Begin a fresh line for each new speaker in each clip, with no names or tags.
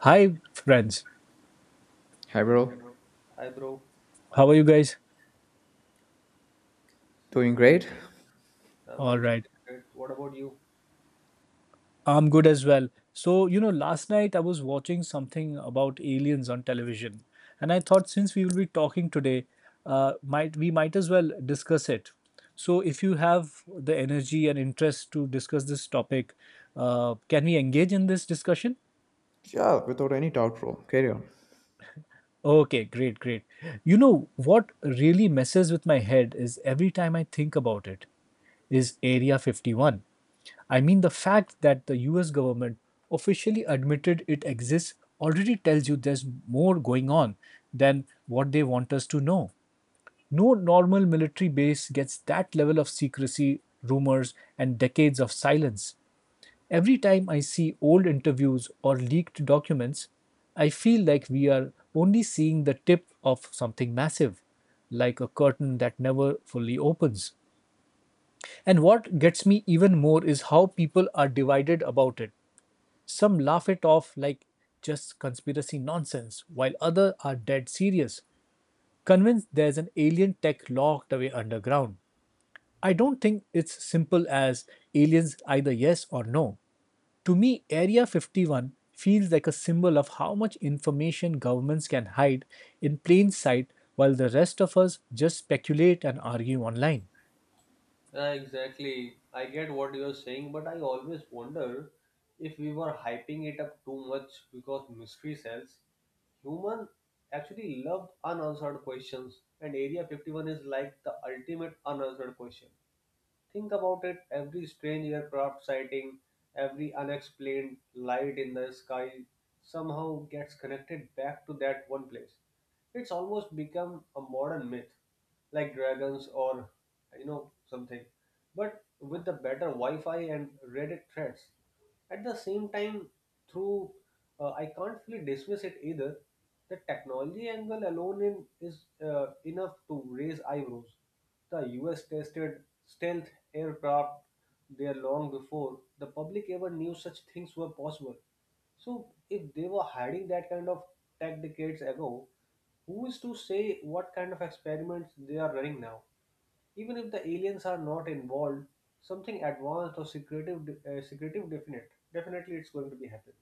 Hi, friends.
Hi, bro.
Hi, bro.
How are you guys?
Doing great?
I'm
All
also
right.
great. What about you?
I'm good as well. So, you know, last night I was watching something about aliens on television, and I thought since we will be talking today, might we might as well discuss it. So, if you have the energy and interest to discuss this topic, can we engage in this discussion?
Yeah, without any doubt, bro. Carry on.
Okay, great. You know what really messes with my head is every time I think about it is Area 51. I mean, the fact that the US government officially admitted it exists already tells you there's more going on than what they want us to know. No normal military base gets that level of secrecy, rumors, and decades of silence. Every time I see old interviews or leaked documents, I feel like we are only seeing the tip of something massive, like a curtain that never fully opens. And what gets me even more is how people are divided about it. Some laugh it off like just conspiracy nonsense, while others are dead serious, convinced there's an alien tech locked away underground. I don't think it's simple as aliens either yes or no. To me, Area 51 feels like a symbol of how much information governments can hide in plain sight while the rest of us just speculate and argue online.
Yeah, exactly. I get what you're saying, but I always wonder if we were hyping it up too much because mystery sells. Human actually love unanswered questions, and Area 51 is like the ultimate unanswered question. Think about it, every strange aircraft sighting, every unexplained light in the sky somehow gets connected back to that one place. It's almost become a modern myth, like dragons or you know something, but with the better Wi-Fi and Reddit threads. At the same time, through I can't fully dismiss it either. The technology angle alone in is enough to raise eyebrows. The U.S. tested stealth aircraft there long before the public ever knew such things were possible. So if they were hiding that kind of tech decades ago, who is to say what kind of experiments they are running now? Even if the aliens are not involved, something advanced or secretive, definitely it's going to be happen.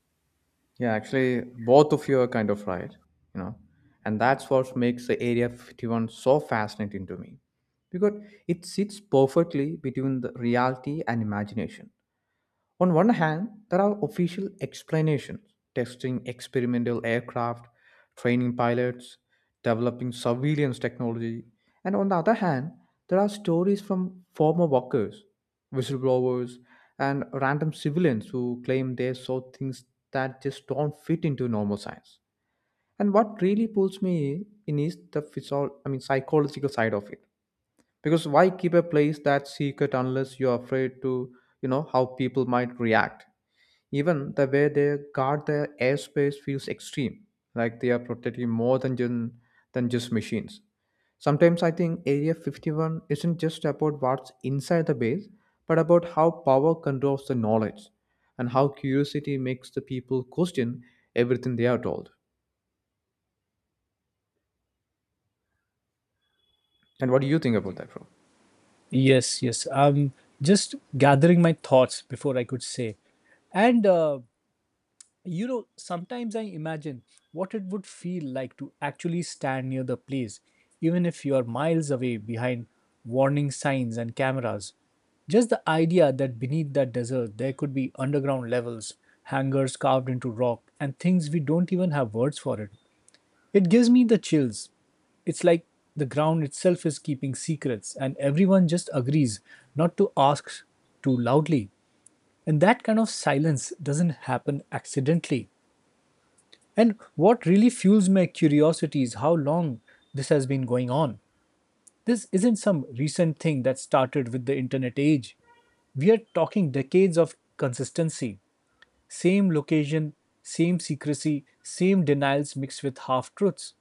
Yeah, actually, both of you are kind of right, you know, and that's what makes the Area 51 so fascinating to me because it sits perfectly between the reality and imagination. On one hand, there are official explanations, testing experimental aircraft, training pilots, developing surveillance technology, and on the other hand, there are stories from former workers, whistleblowers, and random civilians who claim they saw things that just don't fit into normal science. And what really pulls me in is the psychological side of it. Because why keep a place that secret unless you're afraid to, you know, how people might react? Even the way they guard their airspace feels extreme, like they are protecting more than just machines. Sometimes I think Area 51 isn't just about what's inside the base, but about how power controls the knowledge and how curiosity makes the people question everything they are told. And what do you think about that, bro?
Yes. I'm just gathering my thoughts before I could say. And You know, sometimes I imagine what it would feel like to actually stand near the place, even if you are miles away behind warning signs and cameras. Just the idea that beneath that desert there could be underground levels, hangars carved into rock, and things we don't even have words for it. It gives me the chills. It's like the ground itself is keeping secrets, and everyone just agrees not to ask too loudly. And that kind of silence doesn't happen accidentally. And what really fuels my curiosity is how long this has been going on. This isn't some recent thing that started with the internet age. We are talking decades of consistency, same location, same secrecy, same denials mixed with half truths.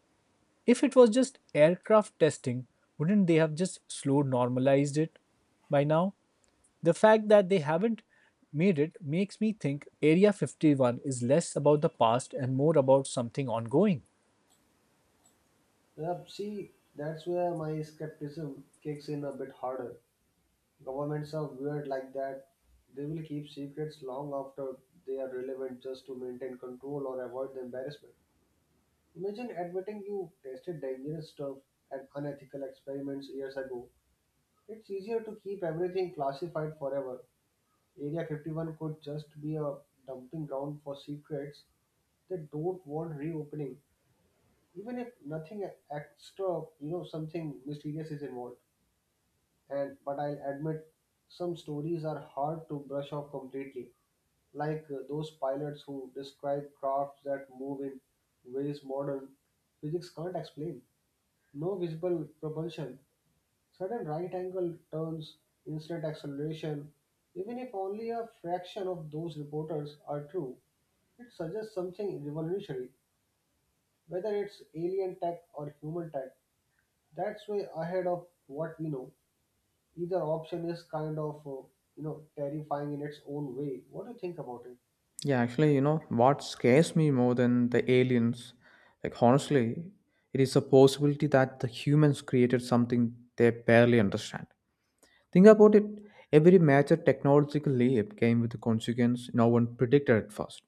If it was just aircraft testing, wouldn't they have just slow normalized it by now? The fact that they haven't made it makes me think Area 51 is less about the past and more about something ongoing.
Yeah, see, that's where my skepticism kicks in a bit harder. Governments are weird like that. They will keep secrets long after they are relevant just to maintain control or avoid the embarrassment. Imagine admitting you tested dangerous stuff and unethical experiments years ago. It's easier to keep everything classified forever. Area 51 could just be a dumping ground for secrets that don't want reopening, even if nothing extra, you know, something mysterious is involved. And but I'll admit, some stories are hard to brush off completely, like those pilots who describe crafts that move in ways modern physics can't explain. No visible propulsion, sudden right angle turns, instant acceleration, even if only a fraction of those reporters are true, it suggests something revolutionary, whether it's alien tech or human tech. That's way ahead of what we know. Either option is kind of, you know, terrifying in its own way. What do you think about it?
Yeah, actually, you know, what scares me more than the aliens, like honestly, it is a possibility that the humans created something they barely understand. Think about it. Every major technological leap came with a consequence no one predicted at first.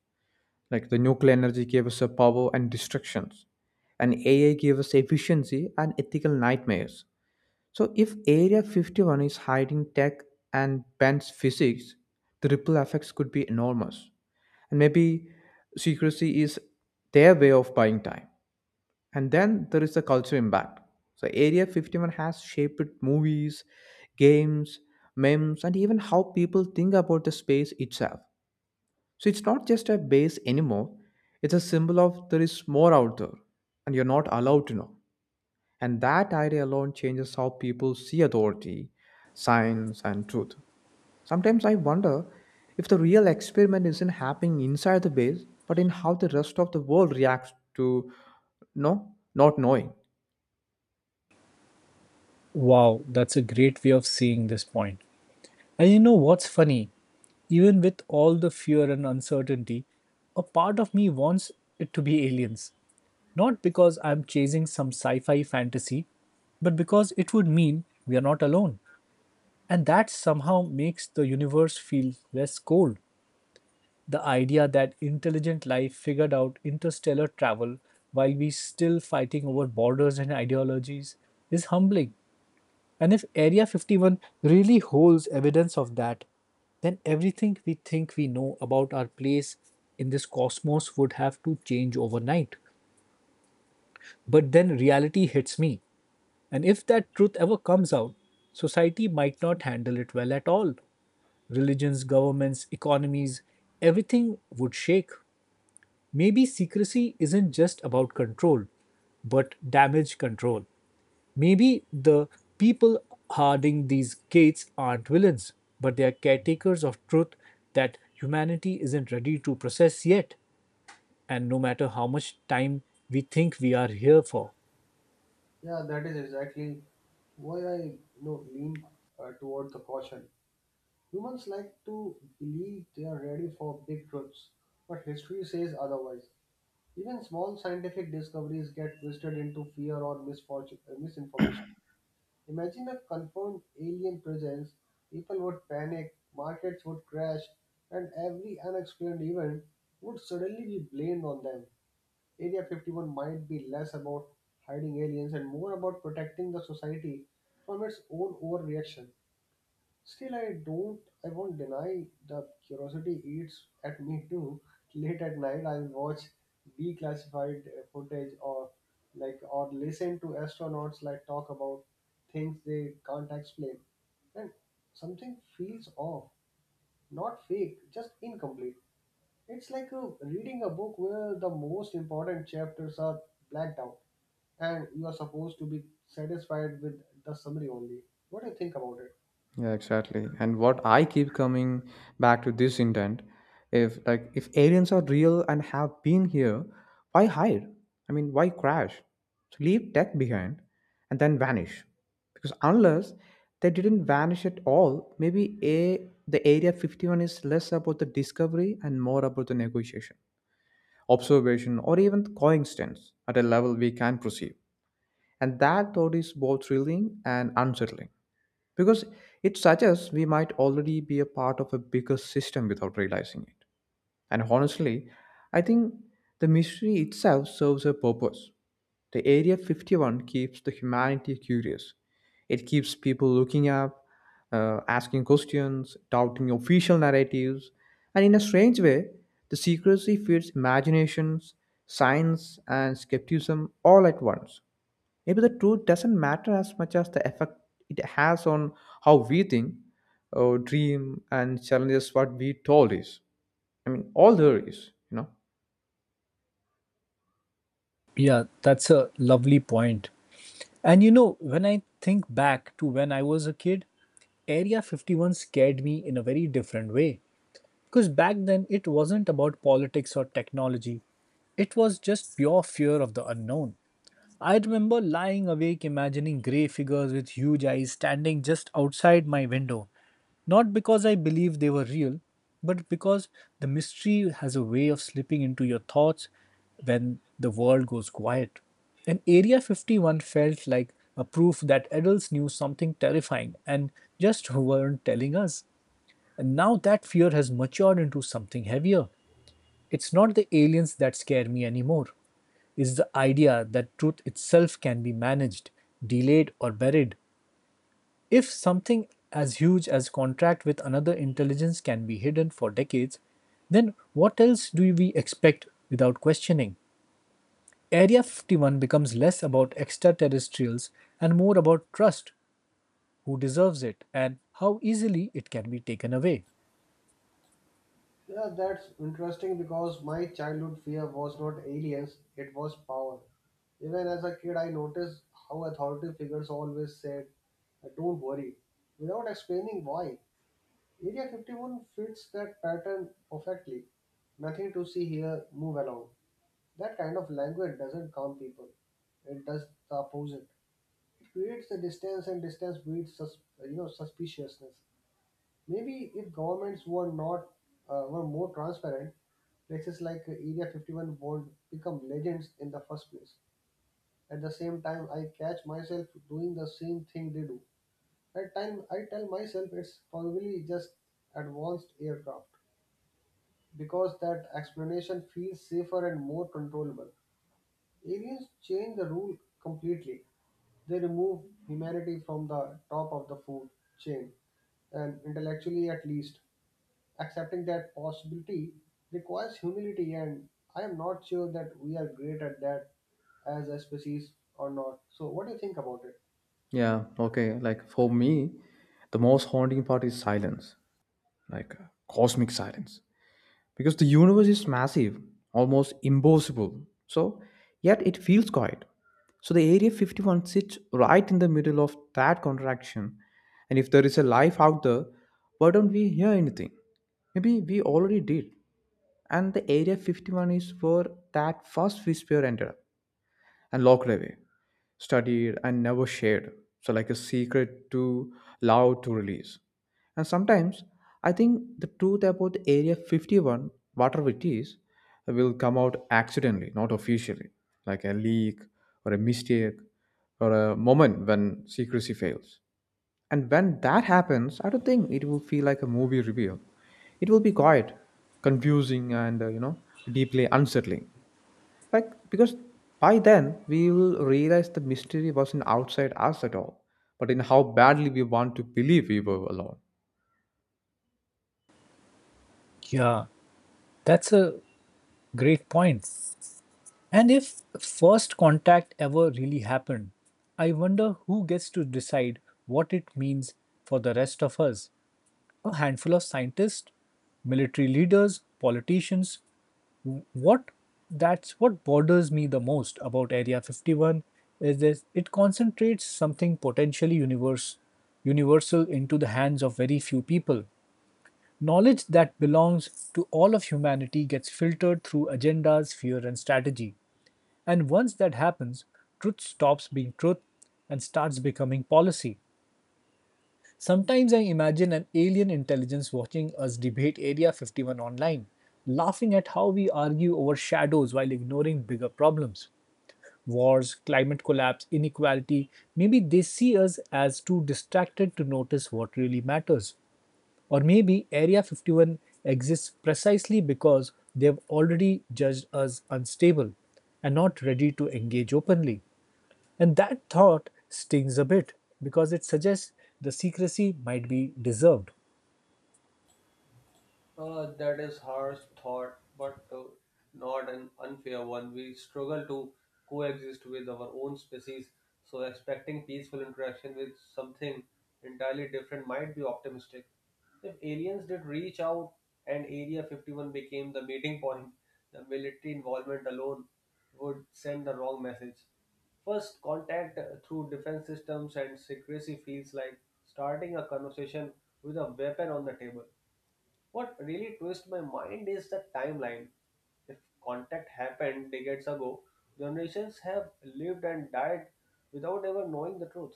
Like the nuclear energy gave us a power and destructions, and AI gave us efficiency and ethical nightmares. So, if Area 51 is hiding tech and bans physics, the ripple effects could be enormous. And maybe secrecy is their way of buying time. And then there is the cultural impact. So Area 51 has shaped movies, games, memes, and even how people think about the space itself. So it's not just a base anymore. It's a symbol of there is more out there and you're not allowed to know. And that idea alone changes how people see authority, science, and truth. Sometimes I wonder if the real experiment isn't happening inside the base, but in how the rest of the world reacts to no not knowing.
Wow, that's a great way of seeing this point. And you know what's funny? Even with all the fear and uncertainty, a part of me wants it to be aliens. Not because I'm chasing some sci fi fantasy, but because it would mean we are not alone. And that somehow makes the universe feel less cold. The idea that intelligent life figured out interstellar travel while we still fighting over borders and ideologies is humbling. And if Area 51 really holds evidence of that, then everything we think we know about our place in this cosmos would have to change overnight. But then reality hits me. And if that truth ever comes out, society might not handle it well at all. Religions, governments, economies, everything would shake. Maybe secrecy isn't just about control, but damage control. Maybe the people guarding these gates aren't villains, but they are caretakers of truth that humanity isn't ready to process yet, and no matter how much time we think we are here for.
Yeah, that is exactly why you know, lean toward the caution. Humans like to believe they are ready for big truths, but history says otherwise. Even small scientific discoveries get twisted into fear or misinformation. Imagine a confirmed alien presence, people would panic, markets would crash, and every unexplained event would suddenly be blamed on them. Area 51 might be less about hiding aliens and more about protecting the society from its own overreaction. Still, I won't deny the curiosity eats at me too. Late at night, I watch declassified footage or listen to astronauts like talk about things they can't explain, and something feels off. Not fake, just incomplete. It's like reading a book where the most important chapters are blacked out, and you are supposed to be satisfied with the summary only. What do you think about it?
Yeah, exactly. And what I keep coming back to this intent, if aliens are real and have been here, why hide? I mean, why crash? So leave tech behind and then vanish. Because unless they didn't vanish at all, maybe a the area 51 is less about the discovery and more about the negotiation, observation, or even coincidence at a level we can perceive. And that thought is both thrilling and unsettling because it suggests we might already be a part of a bigger system without realizing it. And honestly, I think the mystery itself serves a purpose. The Area 51 keeps the humanity curious. It keeps people looking up, asking questions, doubting official narratives, and in a strange way, the secrecy feeds imaginations, science, and skepticism all at once. Maybe the truth doesn't matter as much as the effect it has on how we think or dream and challenges what we told is, I mean, all there is, you know.
Yeah, that's a lovely point. And you know, when I think back to when I was a kid, Area 51 scared me in a very different way. Because back then it wasn't about politics or technology, it was just pure fear of the unknown. I remember lying awake imagining grey figures with huge eyes standing just outside my window, not because I believed they were real, but because the mystery has a way of slipping into your thoughts when the world goes quiet. And Area 51 felt like a proof that adults knew something terrifying and just weren't telling us. And now that fear has matured into something heavier. It's not the aliens that scare me anymore. It's the idea that truth itself can be managed, delayed, or buried. If something as huge as contract with another intelligence can be hidden for decades, then what else do we expect without questioning? Area 51 becomes less about extraterrestrials and more about trust, who deserves it, and how easily it can be taken away.
Yeah, that's interesting because my childhood fear was not aliens, it was power. Even as a kid, I noticed how authority figures always said, Don't worry," without explaining why. Area 51 fits that pattern perfectly. Nothing to see here, move along. That kind of language doesn't calm people, it does the opposite. It creates a distance, and distance breeds you know, suspiciousness. Maybe if governments were not were more transparent, places like Area 51 won't become legends in the first place. At the same time, I catch myself doing the same thing they do. At time, I tell myself it's probably just advanced aircraft because that explanation feels safer and more controllable. Aliens change the rule completely. They remove humanity from the top of the food chain, and intellectually at least. Accepting that possibility requires humility, and I am not sure that we are great at that as a species or not. So, what do you think about it?
Yeah, okay. Like for me, the most haunting part is silence, like cosmic silence. Because the universe is massive, almost impossible. So, yet it feels quiet. So, the Area 51 sits right in the middle of that contraction. And if there is a life out there, why don't we hear anything? Maybe we already did. And the Area 51 is where that first whisper ended up and locked away studied and never shared. So like a secret too loud to release. And sometimes I think the truth about the Area 51, whatever it is, will come out accidentally, not officially, like a leak or a mistake or a moment when secrecy fails. And when that happens, I don't think it will feel like a movie reveal. It will be quiet, confusing, and you know, deeply unsettling. Like, because by then we will realize the mystery wasn't outside us at all, but in how badly we want to believe we were alone.
Yeah, that's a great point. And if first contact ever really happened, I wonder who gets to decide what it means for the rest of us. A handful of scientists, military leaders, politicians. What that's what bothers me the most about Area 51 is this it concentrates something potentially universal into the hands of very few people. Knowledge that belongs to all of humanity gets filtered through agendas, fear, and strategy. And once that happens, truth stops being truth and starts becoming policy. Sometimes I imagine an alien intelligence watching us debate Area 51 online, laughing at how we argue over shadows while ignoring bigger problems wars, climate collapse, inequality, maybe they see us as too distracted to notice what really matters. Or maybe Area 51 exists precisely because they've already judged us unstable and not ready to engage openly. And that thought stings a bit because it suggests the secrecy might be deserved.
That is harsh thought, but not an unfair one. We struggle to coexist with our own species, so expecting peaceful interaction with something entirely different might be optimistic. If aliens did reach out and Area 51 became the meeting point, the military involvement alone would send the wrong message. First, contact through defense systems and secrecy feels like starting a conversation with a weapon on the table. What really twists my mind is the timeline. If contact happened decades ago, generations have lived and died without ever knowing the truth.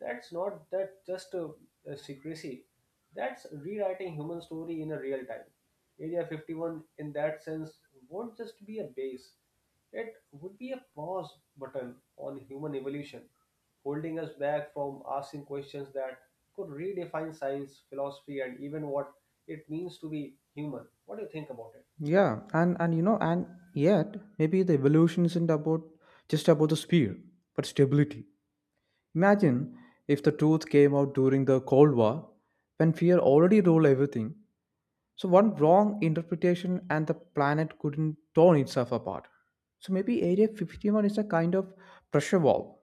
That's not that just a secrecy. That's rewriting human story in a real time. Area 51 in that sense won't just be a base. It would be a pause button on human evolution holding us back from asking questions that could redefine science, philosophy, and even what it means to be human. What do you think about it?
Yeah, and you know, and yet maybe the evolution isn't about just about the speed, but stability. Imagine if the truth came out during the Cold War, when fear already ruled everything. So one wrong interpretation and the planet couldn't torn itself apart. So maybe Area 51 is a kind of pressure valve,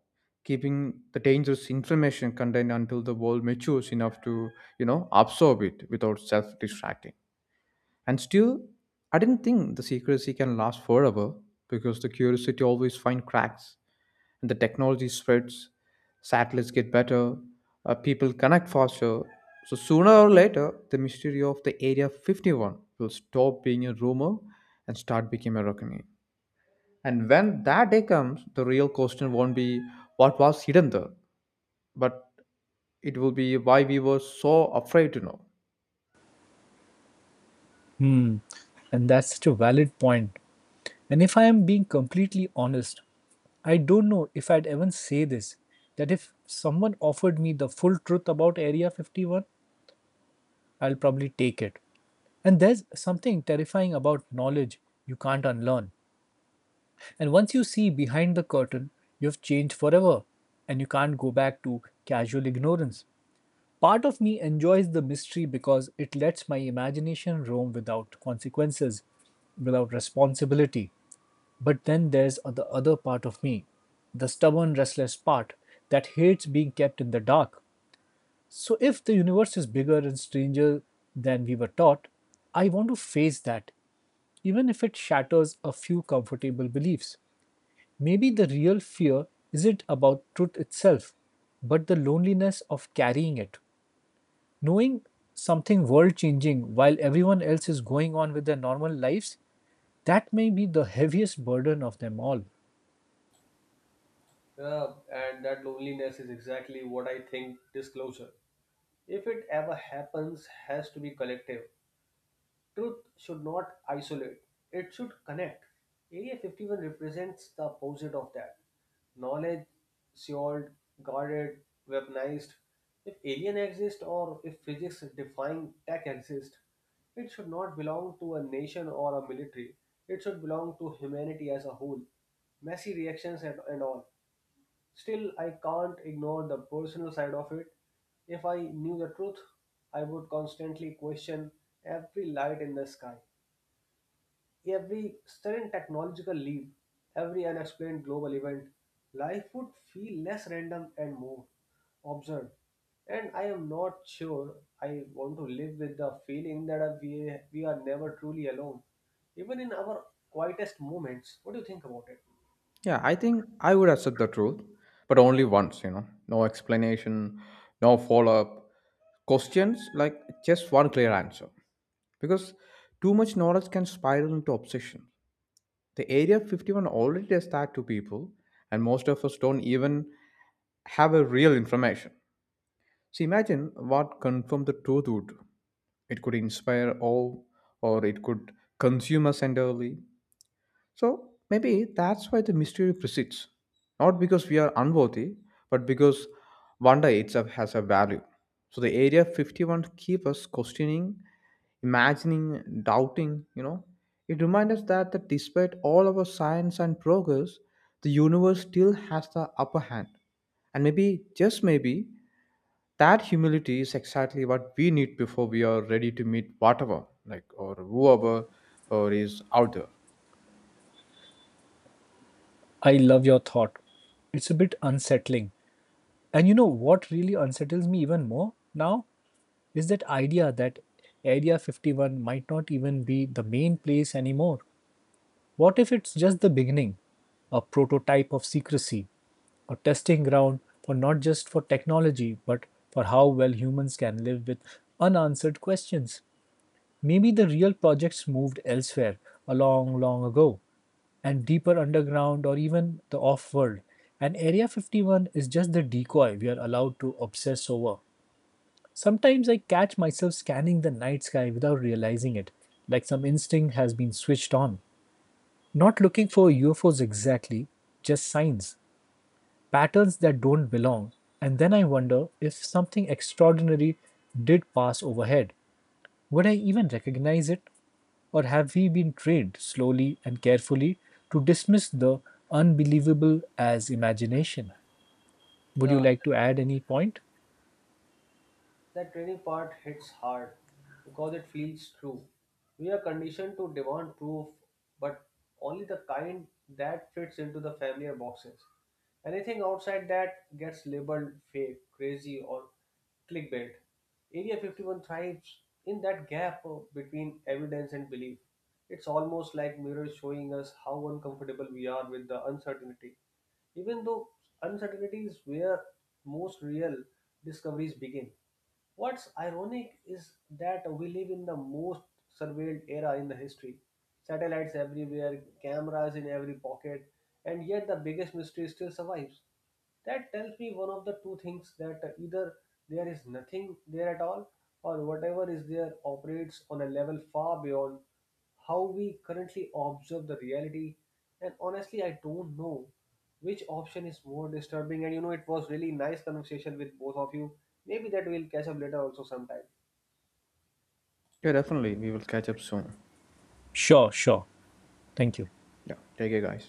keeping the dangerous information contained until the world matures enough to, you know, absorb it without self-distracting. And still, I didn't think the secrecy can last forever because the curiosity always finds cracks and the technology spreads, satellites get better, people connect faster. So sooner or later, the mystery of the Area 51 will stop being a rumor and start becoming a reckoning. And when that day comes, the real question won't be what was hidden there, but it will be why we were so afraid to know.
Hmm, and that's such a valid point. And if I am being completely honest, I don't know if I'd even say this. That if someone offered me the full truth about Area 51, I'll probably take it. And there's something terrifying about knowledge you can't unlearn. And once you see behind the curtain, you've changed forever and you can't go back to casual ignorance. Part of me enjoys the mystery because it lets my imagination roam without consequences, without responsibility. But then there's the other part of me, the stubborn, restless part that hates being kept in the dark. So, if the universe is bigger and stranger than we were taught, I want to face that, even if it shatters a few comfortable beliefs. Maybe the real fear isn't about truth itself, but the loneliness of carrying it. Knowing something world changing while everyone else is going on with their normal lives, that may be the heaviest burden of them all.
Yeah, and that loneliness is exactly what I think disclosure, if it ever happens, has to be collective. Truth should not isolate, it should connect. Area 51 represents the opposite of that. Knowledge, sealed, guarded, weaponized. If alien exists or if physics defying tech exists, it should not belong to a nation or a military. It should belong to humanity as a whole. Messy reactions and all. Still, I can't ignore the personal side of it. If I knew the truth, I would constantly question every light in the sky, every sudden technological leap, every unexplained global event. Life would feel less random and more observed. And I am not sure I want to live with the feeling that we are never truly alone, even in our quietest moments. What do you think about it?
Yeah, I think I would accept the truth, but only once, you know. No explanation, no follow up. Questions like just one clear answer. Because too much knowledge can spiral into obsession. The Area 51 already does that to people, and most of us don't even have a real information. So imagine what confirm the truth would do. It could inspire awe, or it could consume us entirely. So maybe that's why the mystery persists. Not because we are unworthy, but because wonder itself has a value. So the area 51 keeps us questioning, imagining, doubting, you know. It reminds us that, that despite all our science and progress, the universe still has the upper hand. And maybe, just maybe, that humility is exactly what we need before we are ready to meet whatever, like, or whoever or is out there.
I love your thought. It's a bit unsettling. And you know what really unsettles me even more now is that idea that Area 51 might not even be the main place anymore. What if it's just the beginning? A prototype of secrecy, a testing ground for not just for technology, but for how well humans can live with unanswered questions. Maybe the real projects moved elsewhere a long, long ago, and deeper underground or even the off world. And Area 51 is just the decoy we are allowed to obsess over. Sometimes I catch myself scanning the night sky without realizing it, like some instinct has been switched on. Not looking for UFOs exactly, just signs, patterns that don't belong. And then I wonder if something extraordinary did pass overhead. Would I even recognize it? Or have we been trained slowly and carefully to dismiss the unbelievable as imagination? Would
Yeah,
you like to add any point?
that training part hits hard because it feels true. We are conditioned to demand proof, but only the kind that fits into the familiar boxes. Anything outside that gets labeled fake, crazy, or clickbait. Area 51 thrives in that gap between evidence and belief. It's almost like mirrors showing us how uncomfortable we are with the uncertainty. Even though uncertainty is where most real discoveries begin. What's ironic is that we live in the most surveilled era in the history. Satellites everywhere, cameras in every pocket, and yet the biggest mystery still survives. That tells me one of the two things, that either there is nothing there at all, or whatever is there operates on a level far beyond how we currently observe the reality. And honestly, I don't know which option is more disturbing. And you know, it was really nice conversation with both of you. Maybe that we'll catch up later also sometime.
Yeah, definitely. We will catch up soon.
Sure, sure. Thank you.
Yeah, take care, guys.